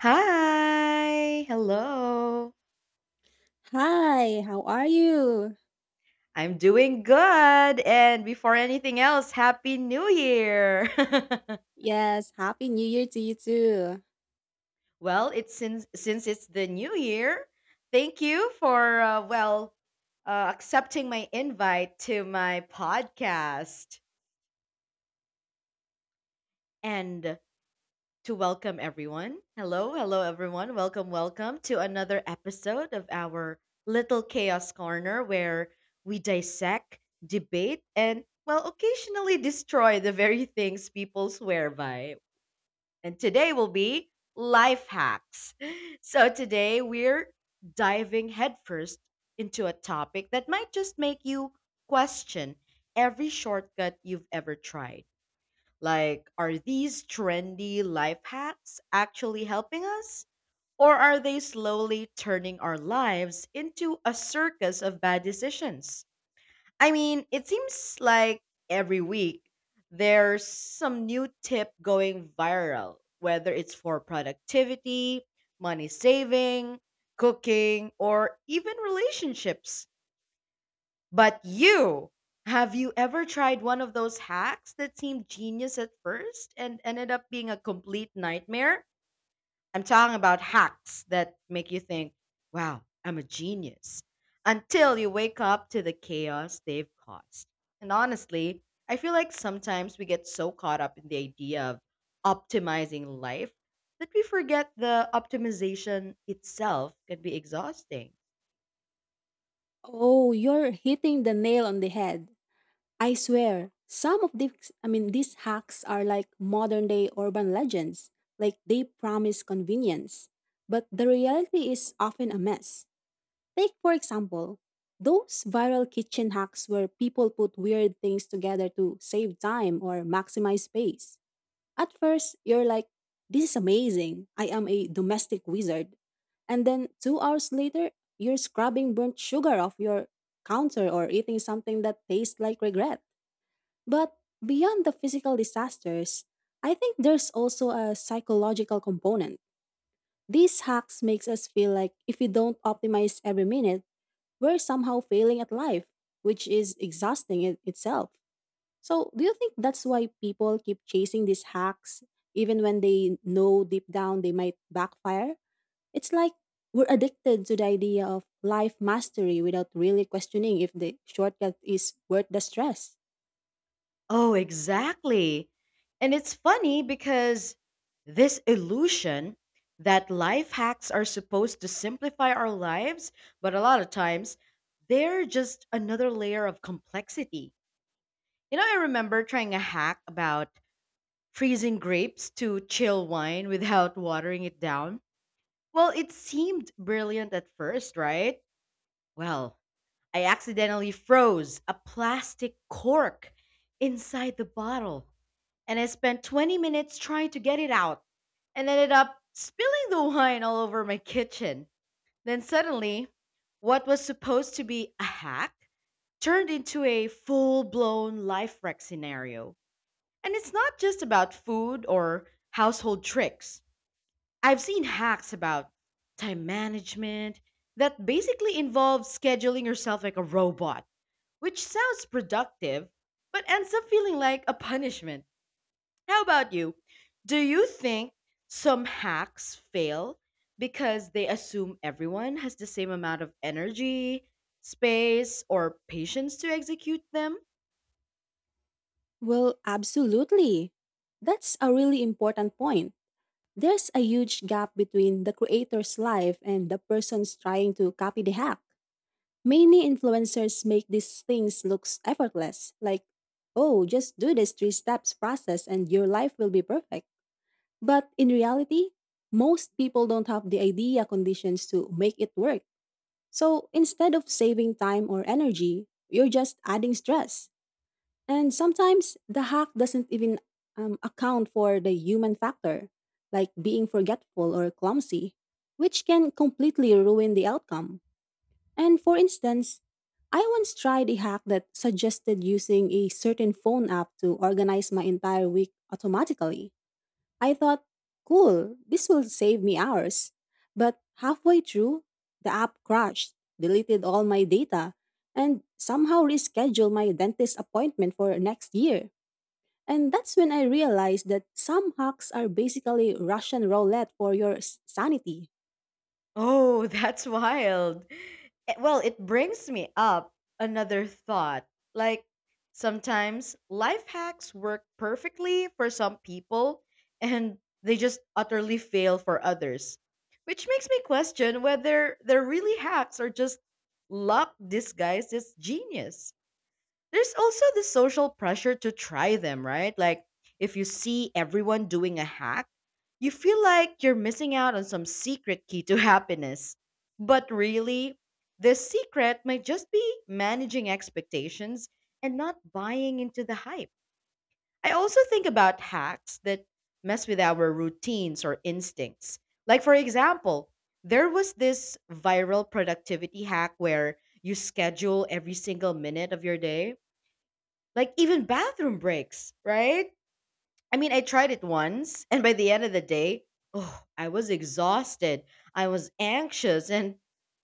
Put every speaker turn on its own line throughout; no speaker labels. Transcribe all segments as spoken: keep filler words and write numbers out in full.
Hi, hello.
Hi, how are you?
I'm doing good. And before anything else, happy new year.
Yes, happy new year to you too.
well, it's since since it's the new year. Thank you for uh, well uh, accepting my invite to my podcast. And to welcome everyone. Hello, hello, everyone. Welcome, welcome to another episode of our Little Chaos Corner, where we dissect, debate, and, well, occasionally destroy the very things people swear by. And today will be life hacks. So today we're diving headfirst into a topic that might just make you question every shortcut you've ever tried. Like, are these trendy life hacks actually helping us? Or are they slowly turning our lives into a circus of bad decisions? I mean, it seems like every week there's some new tip going viral, whether it's for productivity, money saving, cooking, or even relationships. But you, have you ever tried one of those hacks that seemed genius at first and ended up being a complete nightmare? I'm talking about hacks that make you think, wow, I'm a genius, until you wake up to the chaos they've caused. And honestly, I feel like sometimes we get so caught up in the idea of optimizing life that we forget the optimization itself can be exhausting.
Oh, you're hitting the nail on the head. I swear, some of these, I mean, these hacks are like modern day urban legends. Like they promise convenience, but the reality is often a mess. Take, for example, those viral kitchen hacks where people put weird things together to save time or maximize space. At first, you're like, this is amazing. I am a domestic wizard. And then two hours later, you're scrubbing burnt sugar off your counter or eating something that tastes like regret. But beyond the physical disasters, I think there's also a psychological component. These hacks makes us feel like if we don't optimize every minute, we're somehow failing at life, which is exhausting in itself. So, do you think that's why people keep chasing these hacks even when they know deep down they might backfire? It's like we're addicted to the idea of life mastery without really questioning if the shortcut is worth the stress.
Oh, exactly. And it's funny because this illusion that life hacks are supposed to simplify our lives, but a lot of times they're just another layer of complexity. You know, I remember trying a hack about freezing grapes to chill wine without watering it down. Well, it seemed brilliant at first, right? Well, I accidentally froze a plastic cork inside the bottle and I spent twenty minutes trying to get it out and ended up spilling the wine all over my kitchen. Then suddenly, what was supposed to be a hack turned into a full blown life wreck scenario. And it's not just about food or household tricks. I've seen hacks about time management that basically involve scheduling yourself like a robot, which sounds productive but ends up feeling like a punishment. How about you? Do you think some hacks fail because they assume everyone has the same amount of energy, space, or patience to execute them?
Well, absolutely. That's a really important point. There's a huge gap between the creator's life and the person's trying to copy the hack. Many influencers make these things look effortless, like, oh, just do this three steps process and your life will be perfect. But in reality, most people don't have the idea conditions to make it work. So instead of saving time or energy, you're just adding stress. And sometimes the hack doesn't even um, account for the human factor, like being forgetful or clumsy, which can completely ruin the outcome. And for instance, I once tried a hack that suggested using a certain phone app to organize my entire week automatically. I thought, cool, this will save me hours. But halfway through, the app crashed, deleted all my data, and somehow rescheduled my dentist appointment for next year. And that's when I realized that some hacks are basically Russian roulette for your s- sanity.
Oh, that's wild. Eh, well, it brings me up another thought. Like, sometimes life hacks work perfectly for some people and they just utterly fail for others, which makes me question whether they're really hacks or just luck disguised as genius. There's also the social pressure to try them, right? Like if you see everyone doing a hack, you feel like you're missing out on some secret key to happiness. But really, the secret might just be managing expectations and not buying into the hype. I also think about hacks that mess with our routines or instincts. Like, for example, there was this viral productivity hack where you schedule every single minute of your day like even bathroom breaks, right? I mean, I tried it once, and by the end of the day, oh, I was exhausted. I was anxious and,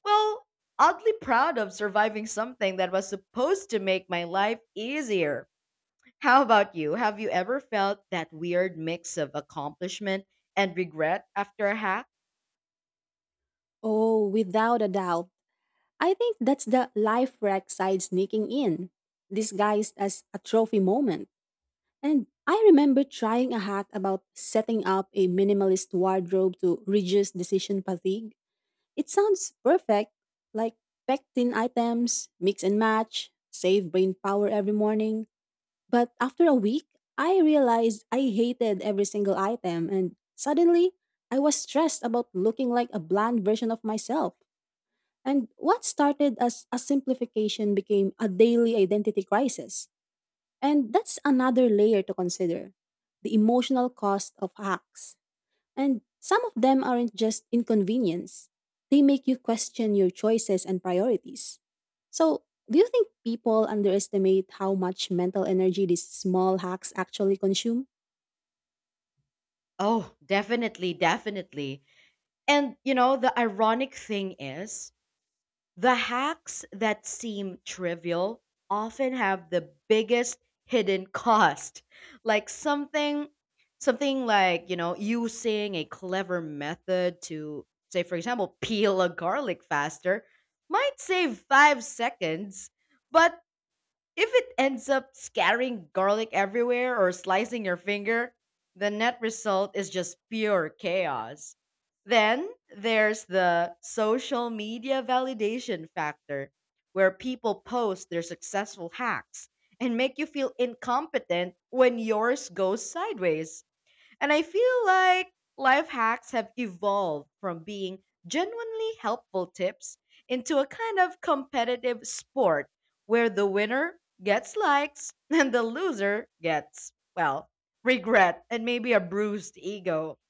well, oddly proud of surviving something that was supposed to make my life easier. How about you? Have you ever felt that weird mix of accomplishment and regret after a hack?
Oh, without a doubt. I think that's the life wreck side sneaking in, disguised as a trophy moment. And I remember trying a hack about setting up a minimalist wardrobe to reduce decision fatigue. It sounds perfect, like pectin items, mix and match, save brain power every morning. But after a week, I realized I hated every single item, and suddenly I was stressed about looking like a bland version of myself. And what started as a simplification became a daily identity crisis. And that's another layer to consider the emotional cost of hacks. And some of them aren't just inconvenience, they make you question your choices and priorities. So, do you think people underestimate how much mental energy these small hacks actually consume?
Oh, definitely, definitely. And you know, the ironic thing is, the hacks that seem trivial often have the biggest hidden cost. Like something something like, you know, using a clever method to, say for example, peel a garlic faster might save five seconds, but if it ends up scattering garlic everywhere or slicing your finger, the net result is just pure chaos. Then there's the social media validation factor, where people post their successful hacks and make you feel incompetent when yours goes sideways. And I feel like life hacks have evolved from being genuinely helpful tips into a kind of competitive sport where the winner gets likes and the loser gets, well, regret and maybe a bruised ego.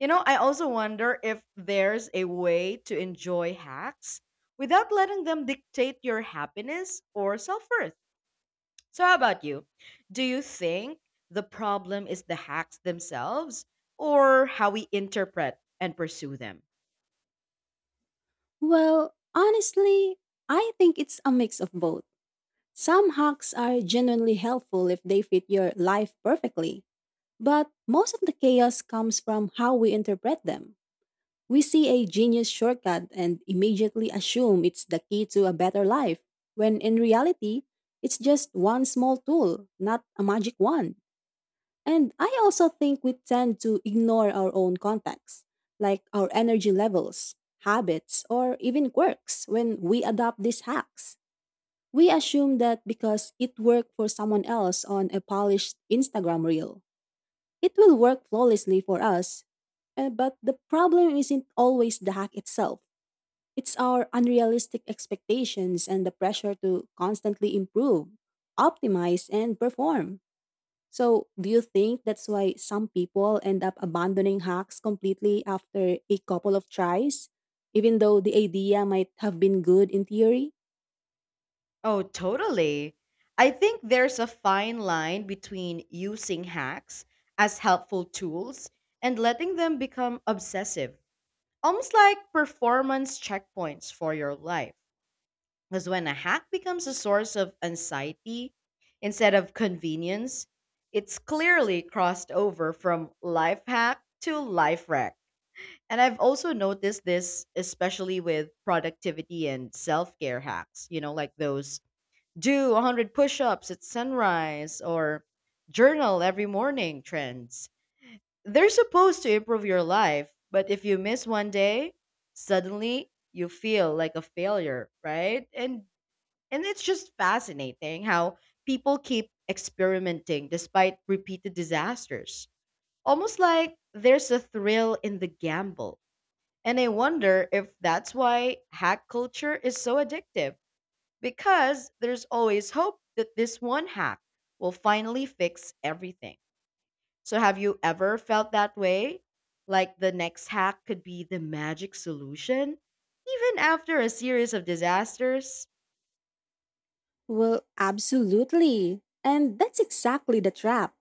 You know, I also wonder if there's a way to enjoy hacks without letting them dictate your happiness or self worth. So, how about you? Do you think the problem is the hacks themselves or how we interpret and pursue them?
Well, honestly, I think it's a mix of both. Some hacks are genuinely helpful if they fit your life perfectly, but most of the chaos comes from how we interpret them. We see a genius shortcut and immediately assume it's the key to a better life, when in reality, it's just one small tool, not a magic wand. And I also think we tend to ignore our own contacts, like our energy levels, habits, or even quirks when we adopt these hacks. We assume that because it worked for someone else on a polished Instagram reel, it will work flawlessly for us. Uh, but the problem isn't always the hack itself. It's our unrealistic expectations and the pressure to constantly improve, optimize, and perform. So, do you think that's why some people end up abandoning hacks completely after a couple of tries, even though the idea might have been good in theory?
Oh, totally. I think there's a fine line between using hacks as helpful tools and letting them become obsessive, almost like performance checkpoints for your life. Because when a hack becomes a source of anxiety instead of convenience, it's clearly crossed over from life hack to life wreck. And I've also noticed this, especially with productivity and self care hacks, you know, like those do one hundred push ups at sunrise or journal every morning trends. They're supposed to improve your life, but if you miss one day, suddenly you feel like a failure, right? And and it's just fascinating how people keep experimenting despite repeated disasters. Almost like there's a thrill in the gamble. And I wonder if that's why hack culture is so addictive, because there's always hope that this one hack will finally fix everything. So, have you ever felt that way? Like the next hack could be the magic solution? Even after a series of disasters?
Well, absolutely. And that's exactly the trap.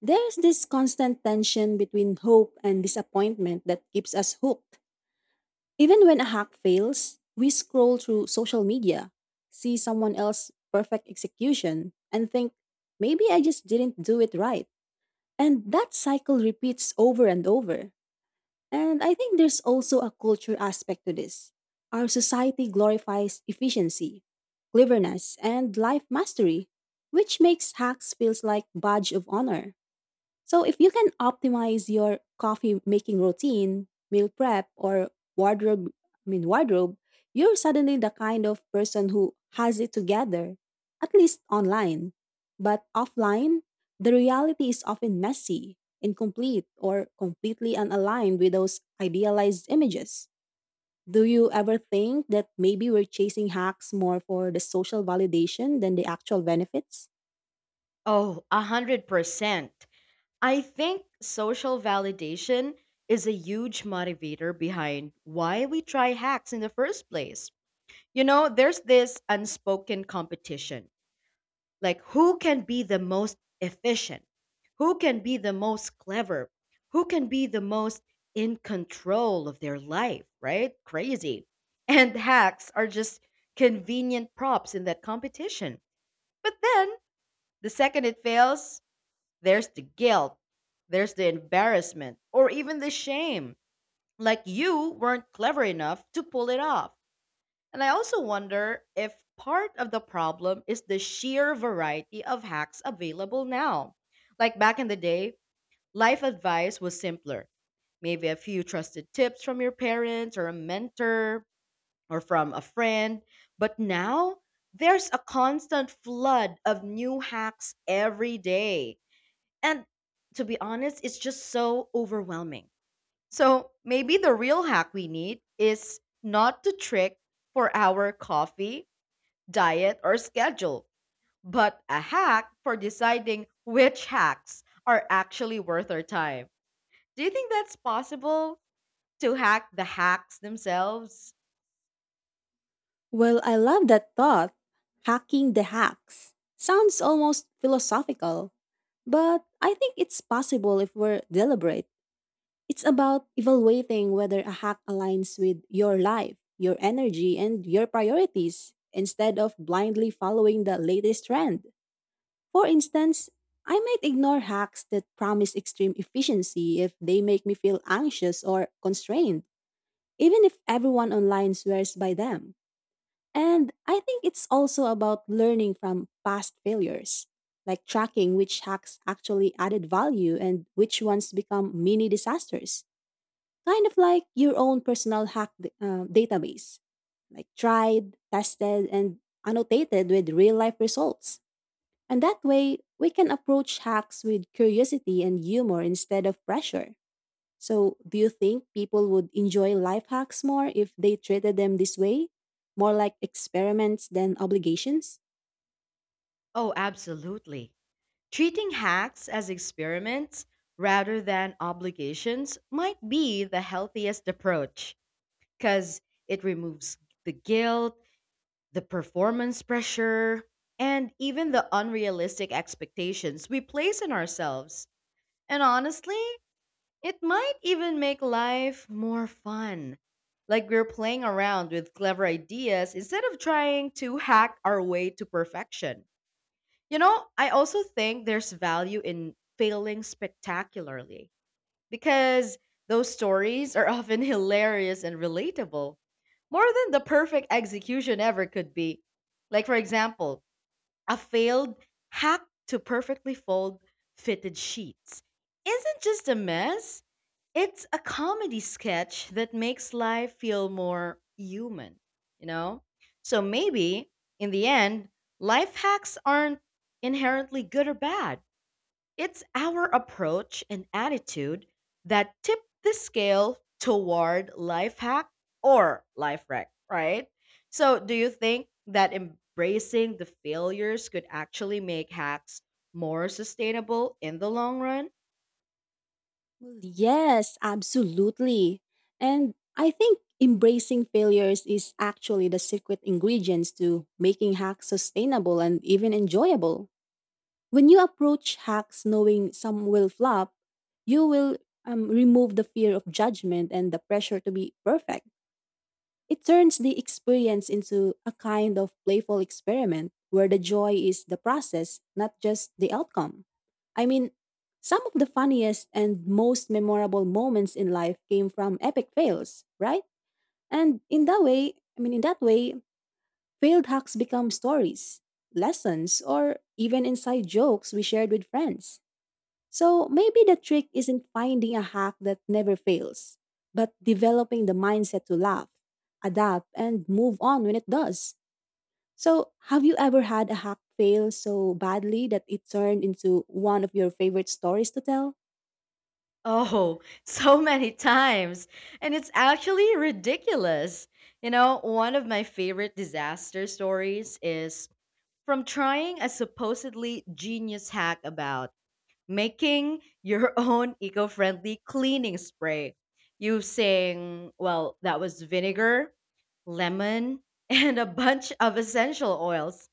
There's this constant tension between hope and disappointment that keeps us hooked. Even when a hack fails, we scroll through social media, see someone else's perfect execution, and think, maybe I just didn't do it right. And that cycle repeats over and over. And I think there's also a culture aspect to this. Our society glorifies efficiency, cleverness, and life mastery, which makes hacks feels like badge of honor. So if you can optimize your coffee making routine, meal prep, or wardrobe, I mean wardrobe, you're suddenly the kind of person who has it together, at least online. But offline, the reality is often messy, incomplete, or completely unaligned with those idealized images. Do you ever think that maybe we're chasing hacks more for the social validation than the actual benefits?
Oh, a hundred percent. I think social validation is a huge motivator behind why we try hacks in the first place. You know, there's this unspoken competition, like who can be the most efficient, who can be the most clever, who can be the most in control of their life, right? Crazy. And hacks are just convenient props in that competition. But then the second it fails, there's the guilt, there's the embarrassment, or even the shame. Like you weren't clever enough to pull it off. And I also wonder if part of the problem is the sheer variety of hacks available now. Like back in the day, life advice was simpler. Maybe a few trusted tips from your parents or a mentor or from a friend. But now, there's a constant flood of new hacks every day. And to be honest, it's just so overwhelming. So maybe the real hack we need is not to trick for our coffee, diet, or schedule, but a hack for deciding which hacks are actually worth our time. Do you think that's possible, to hack the hacks themselves?
Well, I love that thought. Hacking the hacks. Sounds almost philosophical, but I think it's possible if we're deliberate. It's about evaluating whether a hack aligns with your life, your energy, and your priorities, instead of blindly following the latest trend. For instance, I might ignore hacks that promise extreme efficiency if they make me feel anxious or constrained, even if everyone online swears by them. And I think it's also about learning from past failures, like tracking which hacks actually added value and which ones become mini disasters, kind of like your own personal hack d- uh, database, like tried, tested, and annotated with real life results. And that way, we can approach hacks with curiosity and humor instead of pressure. So, do you think people would enjoy life hacks more if they treated them this way? More like experiments than obligations?
Oh, absolutely. Treating hacks as experiments rather than obligations might be the healthiest approach because it removes the guilt, the performance pressure, and even the unrealistic expectations we place on ourselves. And honestly, it might even make life more fun. Like we're playing around with clever ideas instead of trying to hack our way to perfection. You know, I also think there's value in failing spectacularly because those stories are often hilarious and relatable, more than the perfect execution ever could be. Like, for example, a failed hack to perfectly fold fitted sheets isn't just a mess, it's a comedy sketch that makes life feel more human, you know? So maybe, in the end, life hacks aren't inherently good or bad, it's our approach and attitude that tip the scale toward life hack or life wreck, right? So, do you think that embracing the failures could actually make hacks more sustainable in the long run?
Well, yes, absolutely. And I think embracing failures is actually the secret ingredients to making hacks sustainable and even enjoyable. When you approach hacks knowing some will flop, you will um, remove the fear of judgment and the pressure to be perfect. It turns the experience into a kind of playful experiment where the joy is the process, not just the outcome. I mean, some of the funniest and most memorable moments in life came from epic fails, right? And in that way, I mean, in that way, failed hacks become stories, lessons, or even inside jokes we shared with friends. So maybe the trick isn't finding a hack that never fails, but developing the mindset to laugh, adapt, and move on when it does. So, have you ever had a hack fail so badly that it turned into one of your favorite stories to tell?
Oh, so many times. And it's actually ridiculous. You know, one of my favorite disaster stories is from trying a supposedly genius hack about making your own eco-friendly cleaning spray using, well, that was vinegar, lemon, and a bunch of essential oils.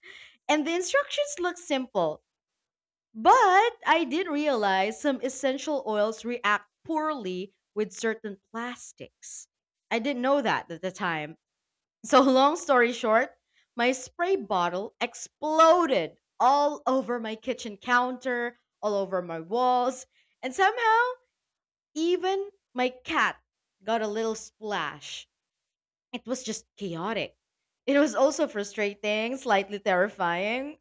And the instructions look simple, but I did realize some essential oils react poorly with certain plastics. I didn't know that at the time. So, long story short, my spray bottle exploded all over my kitchen counter, all over my walls, and somehow even my cat got a little splash. It was just chaotic. It was also frustrating, slightly terrifying,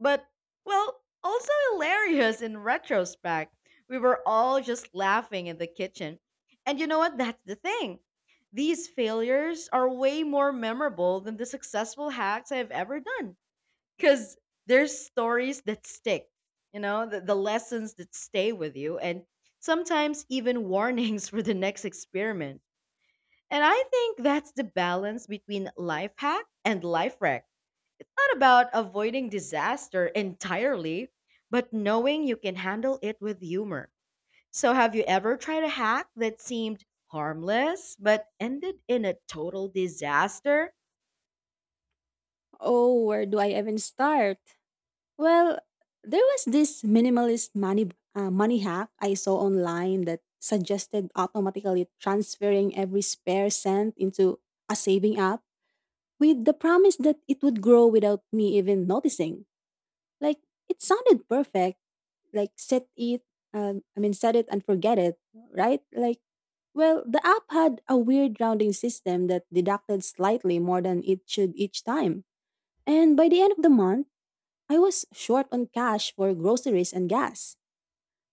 but, well, also hilarious in retrospect. We were all just laughing in the kitchen. And you know what? That's the thing. These failures are way more memorable than the successful hacks I've ever done because there's stories that stick, you know, the, the lessons that stay with you, and sometimes even warnings for the next experiment. And I think that's the balance between life hack and life wreck, not about avoiding disaster entirely, but knowing you can handle it with humor. So, have you ever tried a hack that seemed harmless but ended in a total disaster?
Oh, where do I even start? Well, there was this minimalist money uh, money hack I saw online that suggested automatically transferring every spare cent into a saving app with the promise that it would grow without me even noticing. Like it sounded perfect. Like set it, um, I mean set it and forget it, right? Like well, the app had a weird rounding system that deducted slightly more than it should each time. And by the end of the month, I was short on cash for groceries and gas.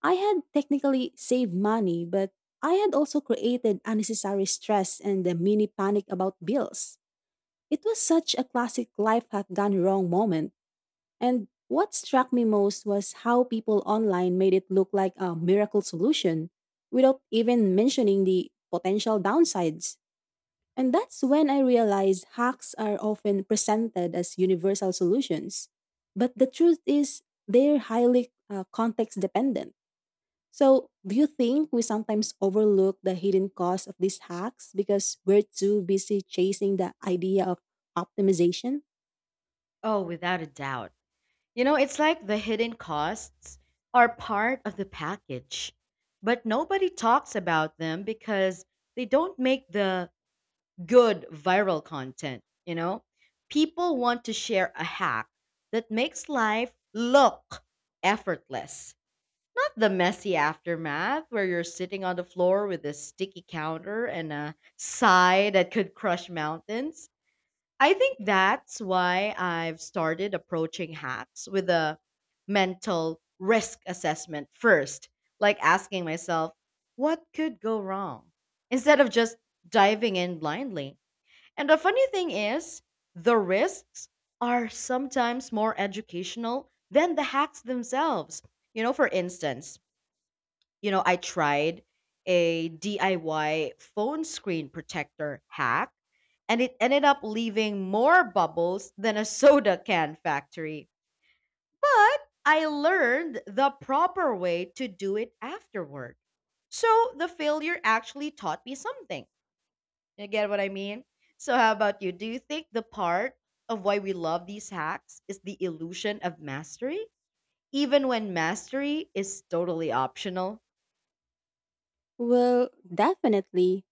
I had technically saved money, but I had also created unnecessary stress and a mini panic about bills. It was such a classic life hack gone wrong moment. And what struck me most was how people online made it look like a miracle solution without even mentioning the potential downsides. And that's when I realized hacks are often presented as universal solutions. But the truth is, they're highly uh, context dependent. So, do you think we sometimes overlook the hidden costs of these hacks because we're too busy chasing the idea of optimization?
Oh, without a doubt. You know, it's like the hidden costs are part of the package, but nobody talks about them because they don't make the good viral content, you know? People want to share a hack that makes life look effortless. Not the messy aftermath where you're sitting on the floor with a sticky counter and a sigh that could crush mountains. I think that's why I've started approaching hacks with a mental risk assessment first, like asking myself, what could go wrong? Instead of just diving in blindly. And the funny thing is, the risks are sometimes more educational than the hacks themselves. You know, for instance, you know, I tried a D I Y phone screen protector hack and it ended up leaving more bubbles than a soda can factory. But I learned the proper way to do it afterward. So the failure actually taught me something. You get what I mean? So, how about you? Do you think the part of why we love these hacks is the illusion of mastery, even when mastery is totally optional?
Well, definitely.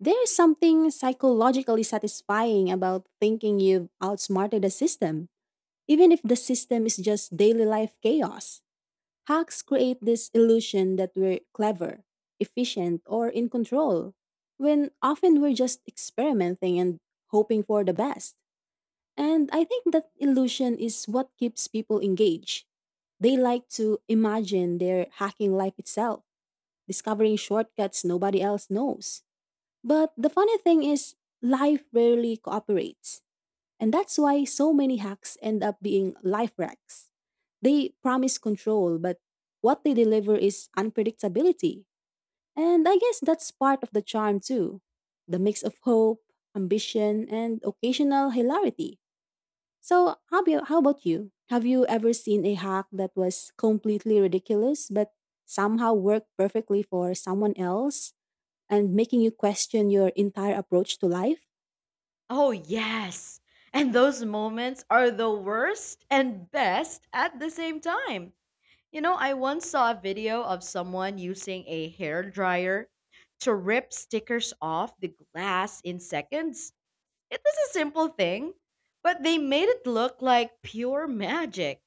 There's something psychologically satisfying about thinking you've outsmarted a system, even if the system is just daily life chaos. Hacks create this illusion that we're clever, efficient, or in control, when often we're just experimenting and hoping for the best. And I think that illusion is what keeps people engaged. They like to imagine they're hacking life itself, discovering shortcuts nobody else knows. But the funny thing is, life rarely cooperates. And that's why so many hacks end up being life wrecks. They promise control, but what they deliver is unpredictability. And I guess that's part of the charm too the mix of hope, ambition, and occasional hilarity. So, how, about- how about you? Have you ever seen a hack that was completely ridiculous but somehow worked perfectly for someone else? And making you question your entire approach to life?
Oh, yes. And those moments are the worst and best at the same time. You know, I once saw a video of someone using a hair dryer to rip stickers off the glass in seconds. It was a simple thing, but they made it look like pure magic.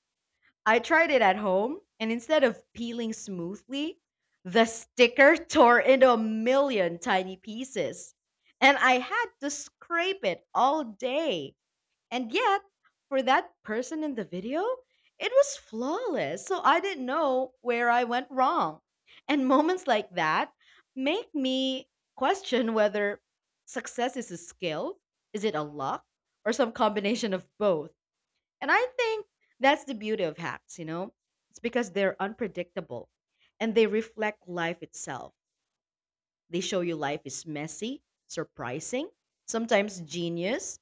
I tried it at home, and instead of peeling smoothly, the sticker tore into a million tiny pieces. And I had to scrape it all day. And yet, for that person in the video, it was flawless. So I didn't know where I went wrong. And moments like that make me question whether success is a skill, is it a luck, or some combination of both? And I think that's the beauty of hacks, you know? It's because they're unpredictable and they reflect life itself. They show you life is messy, surprising, sometimes genius,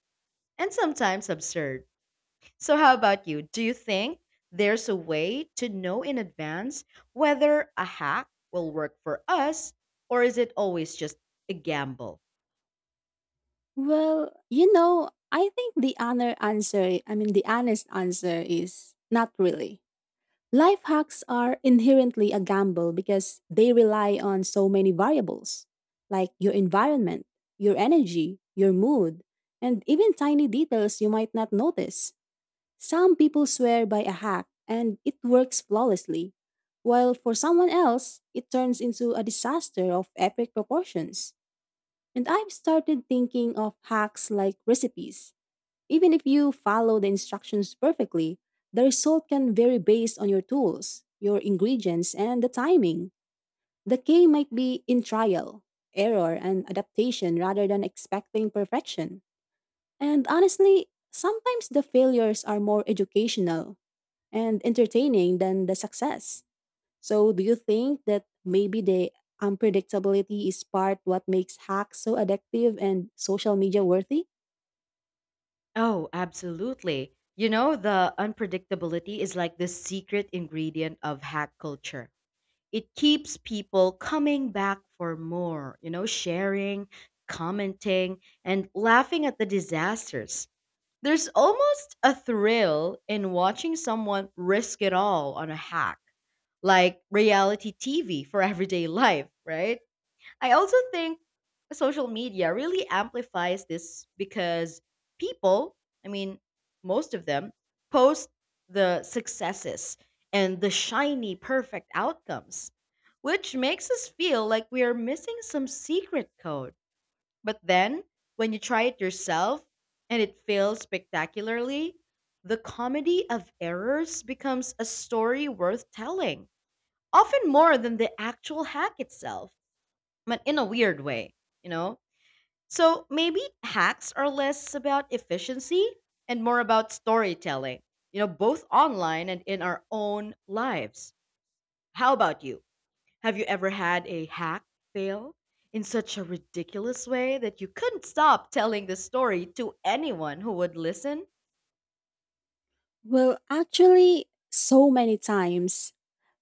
and sometimes absurd. So, how about you? Do you think there's a way to know in advance whether a hack will work for us, or is it always just a gamble?
Well, you know, I think the honor answer, I mean, the honest answer is not really. Life hacks are inherently a gamble because they rely on so many variables like your environment, your energy, your mood, and even tiny details you might not notice. Some people swear by a hack and it works flawlessly, while for someone else, it turns into a disaster of epic proportions. And I've started thinking of hacks like recipes. Even if you follow the instructions perfectly, the result can vary based on your tools, your ingredients, and the timing. The key might be in trial, error, and adaptation rather than expecting perfection. And honestly, sometimes the failures are more educational and entertaining than the success. So, do you think that maybe the unpredictability is part what makes hacks so addictive and social media worthy?
Oh, absolutely. You know, the unpredictability is like the secret ingredient of hack culture. It keeps people coming back for more, you know, sharing, commenting, and laughing at the disasters. There's almost a thrill in watching someone risk it all on a hack, like reality T V for everyday life, right? I also think social media really amplifies this because people, I mean, most of them, post the successes and the shiny, perfect outcomes, which makes us feel like we are missing some secret code. But then, when you try it yourself and it fails spectacularly, the comedy of errors becomes a story worth telling, often more than the actual hack itself, but in a weird way, you know? So maybe hacks are less about efficiency and more about storytelling, you know, both online and in our own lives. How about you? Have you ever had a hack fail in such a ridiculous way that you couldn't stop telling the story to anyone who would listen?
Well, actually, so many times.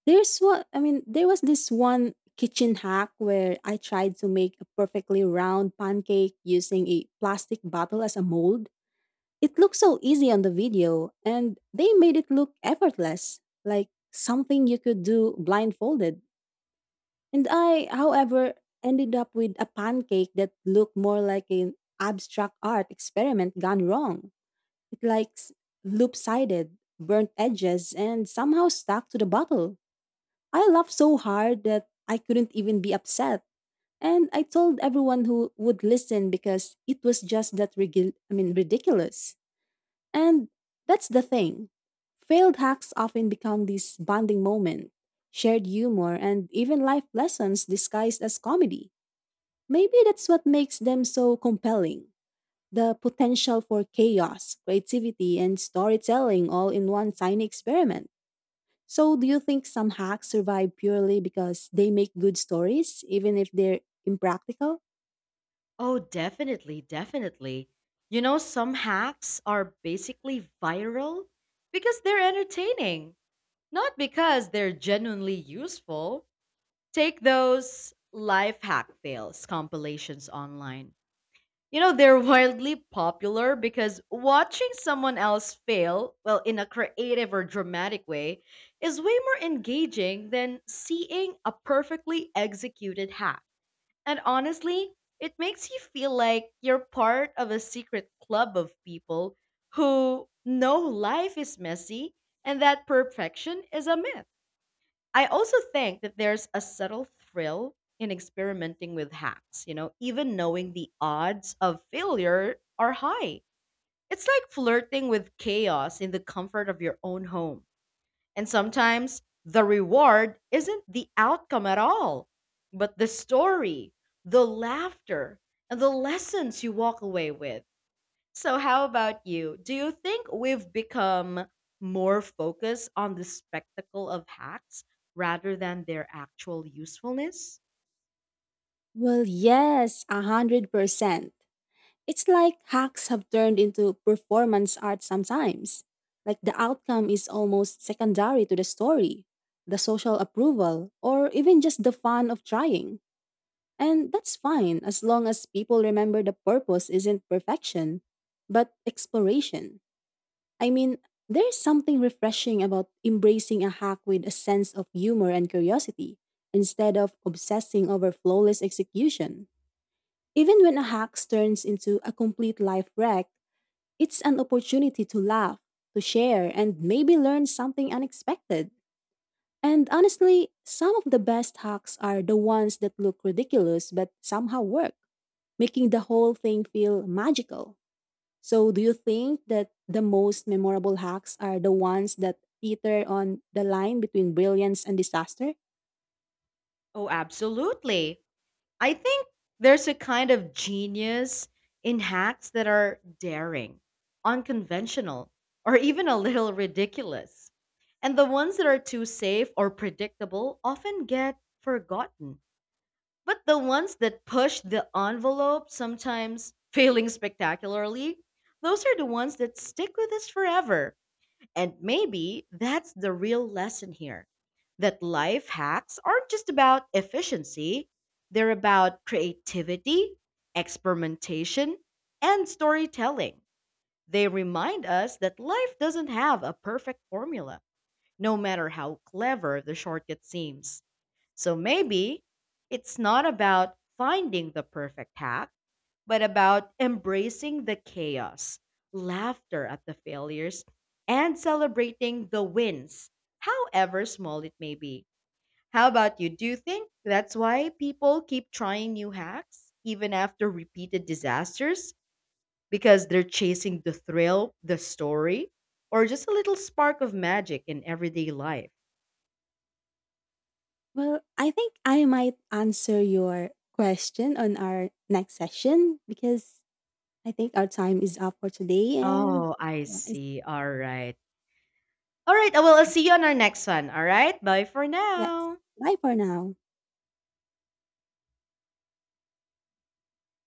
There's what I mean, there was this one kitchen hack where I tried to make a perfectly round pancake using a plastic bottle as a mold. It looked so easy on the video, and they made it look effortless, like something you could do blindfolded. And I, however, ended up with a pancake that looked more like an abstract art experiment gone wrong. It like s- loop-sided, burnt edges, and somehow stuck to the bottle. I laughed so hard that I couldn't even be upset. And I told everyone who would listen because it was just that rigi- I mean ridiculous. And that's the thing. Failed hacks often become this bonding moment, shared humor, and even life lessons disguised as comedy. Maybe that's what makes them so compelling. The potential for chaos, creativity, and storytelling all in one tiny experiment. So, do you think some hacks survive purely because they make good stories, even if they're impractical?
Oh, definitely, definitely. You know, some hacks are basically viral because they're entertaining, not because they're genuinely useful. Take those life hack fails compilations online. You know, they're wildly popular because watching someone else fail, well, in a creative or dramatic way, is way more engaging than seeing a perfectly executed hack. And honestly, it makes you feel like you're part of a secret club of people who know life is messy and that perfection is a myth. I also think that there's a subtle thrill in experimenting with hacks, you know, even knowing the odds of failure are high. It's like flirting with chaos in the comfort of your own home. And sometimes the reward isn't the outcome at all, but the story, the laughter, and the lessons you walk away with. So, how about you? Do you think we've become more focused on the spectacle of hacks rather than their actual usefulness?
Well, yes, a hundred percent. It's like hacks have turned into performance art sometimes. Like the outcome is almost secondary to the story, the social approval, or even just the fun of trying. And that's fine as long as people remember the purpose isn't perfection, but exploration. I mean, there's something refreshing about embracing a hack with a sense of humor and curiosity instead of obsessing over flawless execution. Even when a hack turns into a complete life wreck, it's an opportunity to laugh, to share, and maybe learn something unexpected. And honestly, some of the best hacks are the ones that look ridiculous but somehow work, making the whole thing feel magical. So, do you think that the most memorable hacks are the ones that teeter on the line between brilliance and disaster?
Oh, absolutely. I think there's a kind of genius in hacks that are daring, unconventional, or even a little ridiculous. And the ones that are too safe or predictable often get forgotten. But the ones that push the envelope, sometimes failing spectacularly, those are the ones that stick with us forever. And maybe that's the real lesson here, that life hacks aren't just about efficiency, they're about creativity, experimentation, and storytelling. They remind us that life doesn't have a perfect formula, no matter how clever the shortcut seems. So maybe it's not about finding the perfect hack, but about embracing the chaos, laughter at the failures, and celebrating the wins, however small it may be. How about you? Do you think that's why people keep trying new hacks even after repeated disasters? Because they're chasing the thrill, the story, or just a little spark of magic in everyday life.
Well, I think I might answer your question on our next session because I think our time is up for today and
Oh, I
well,
see. All right. All right. Well, I'll see you on our next one. All right. Bye for
yes.
now.
Bye for now.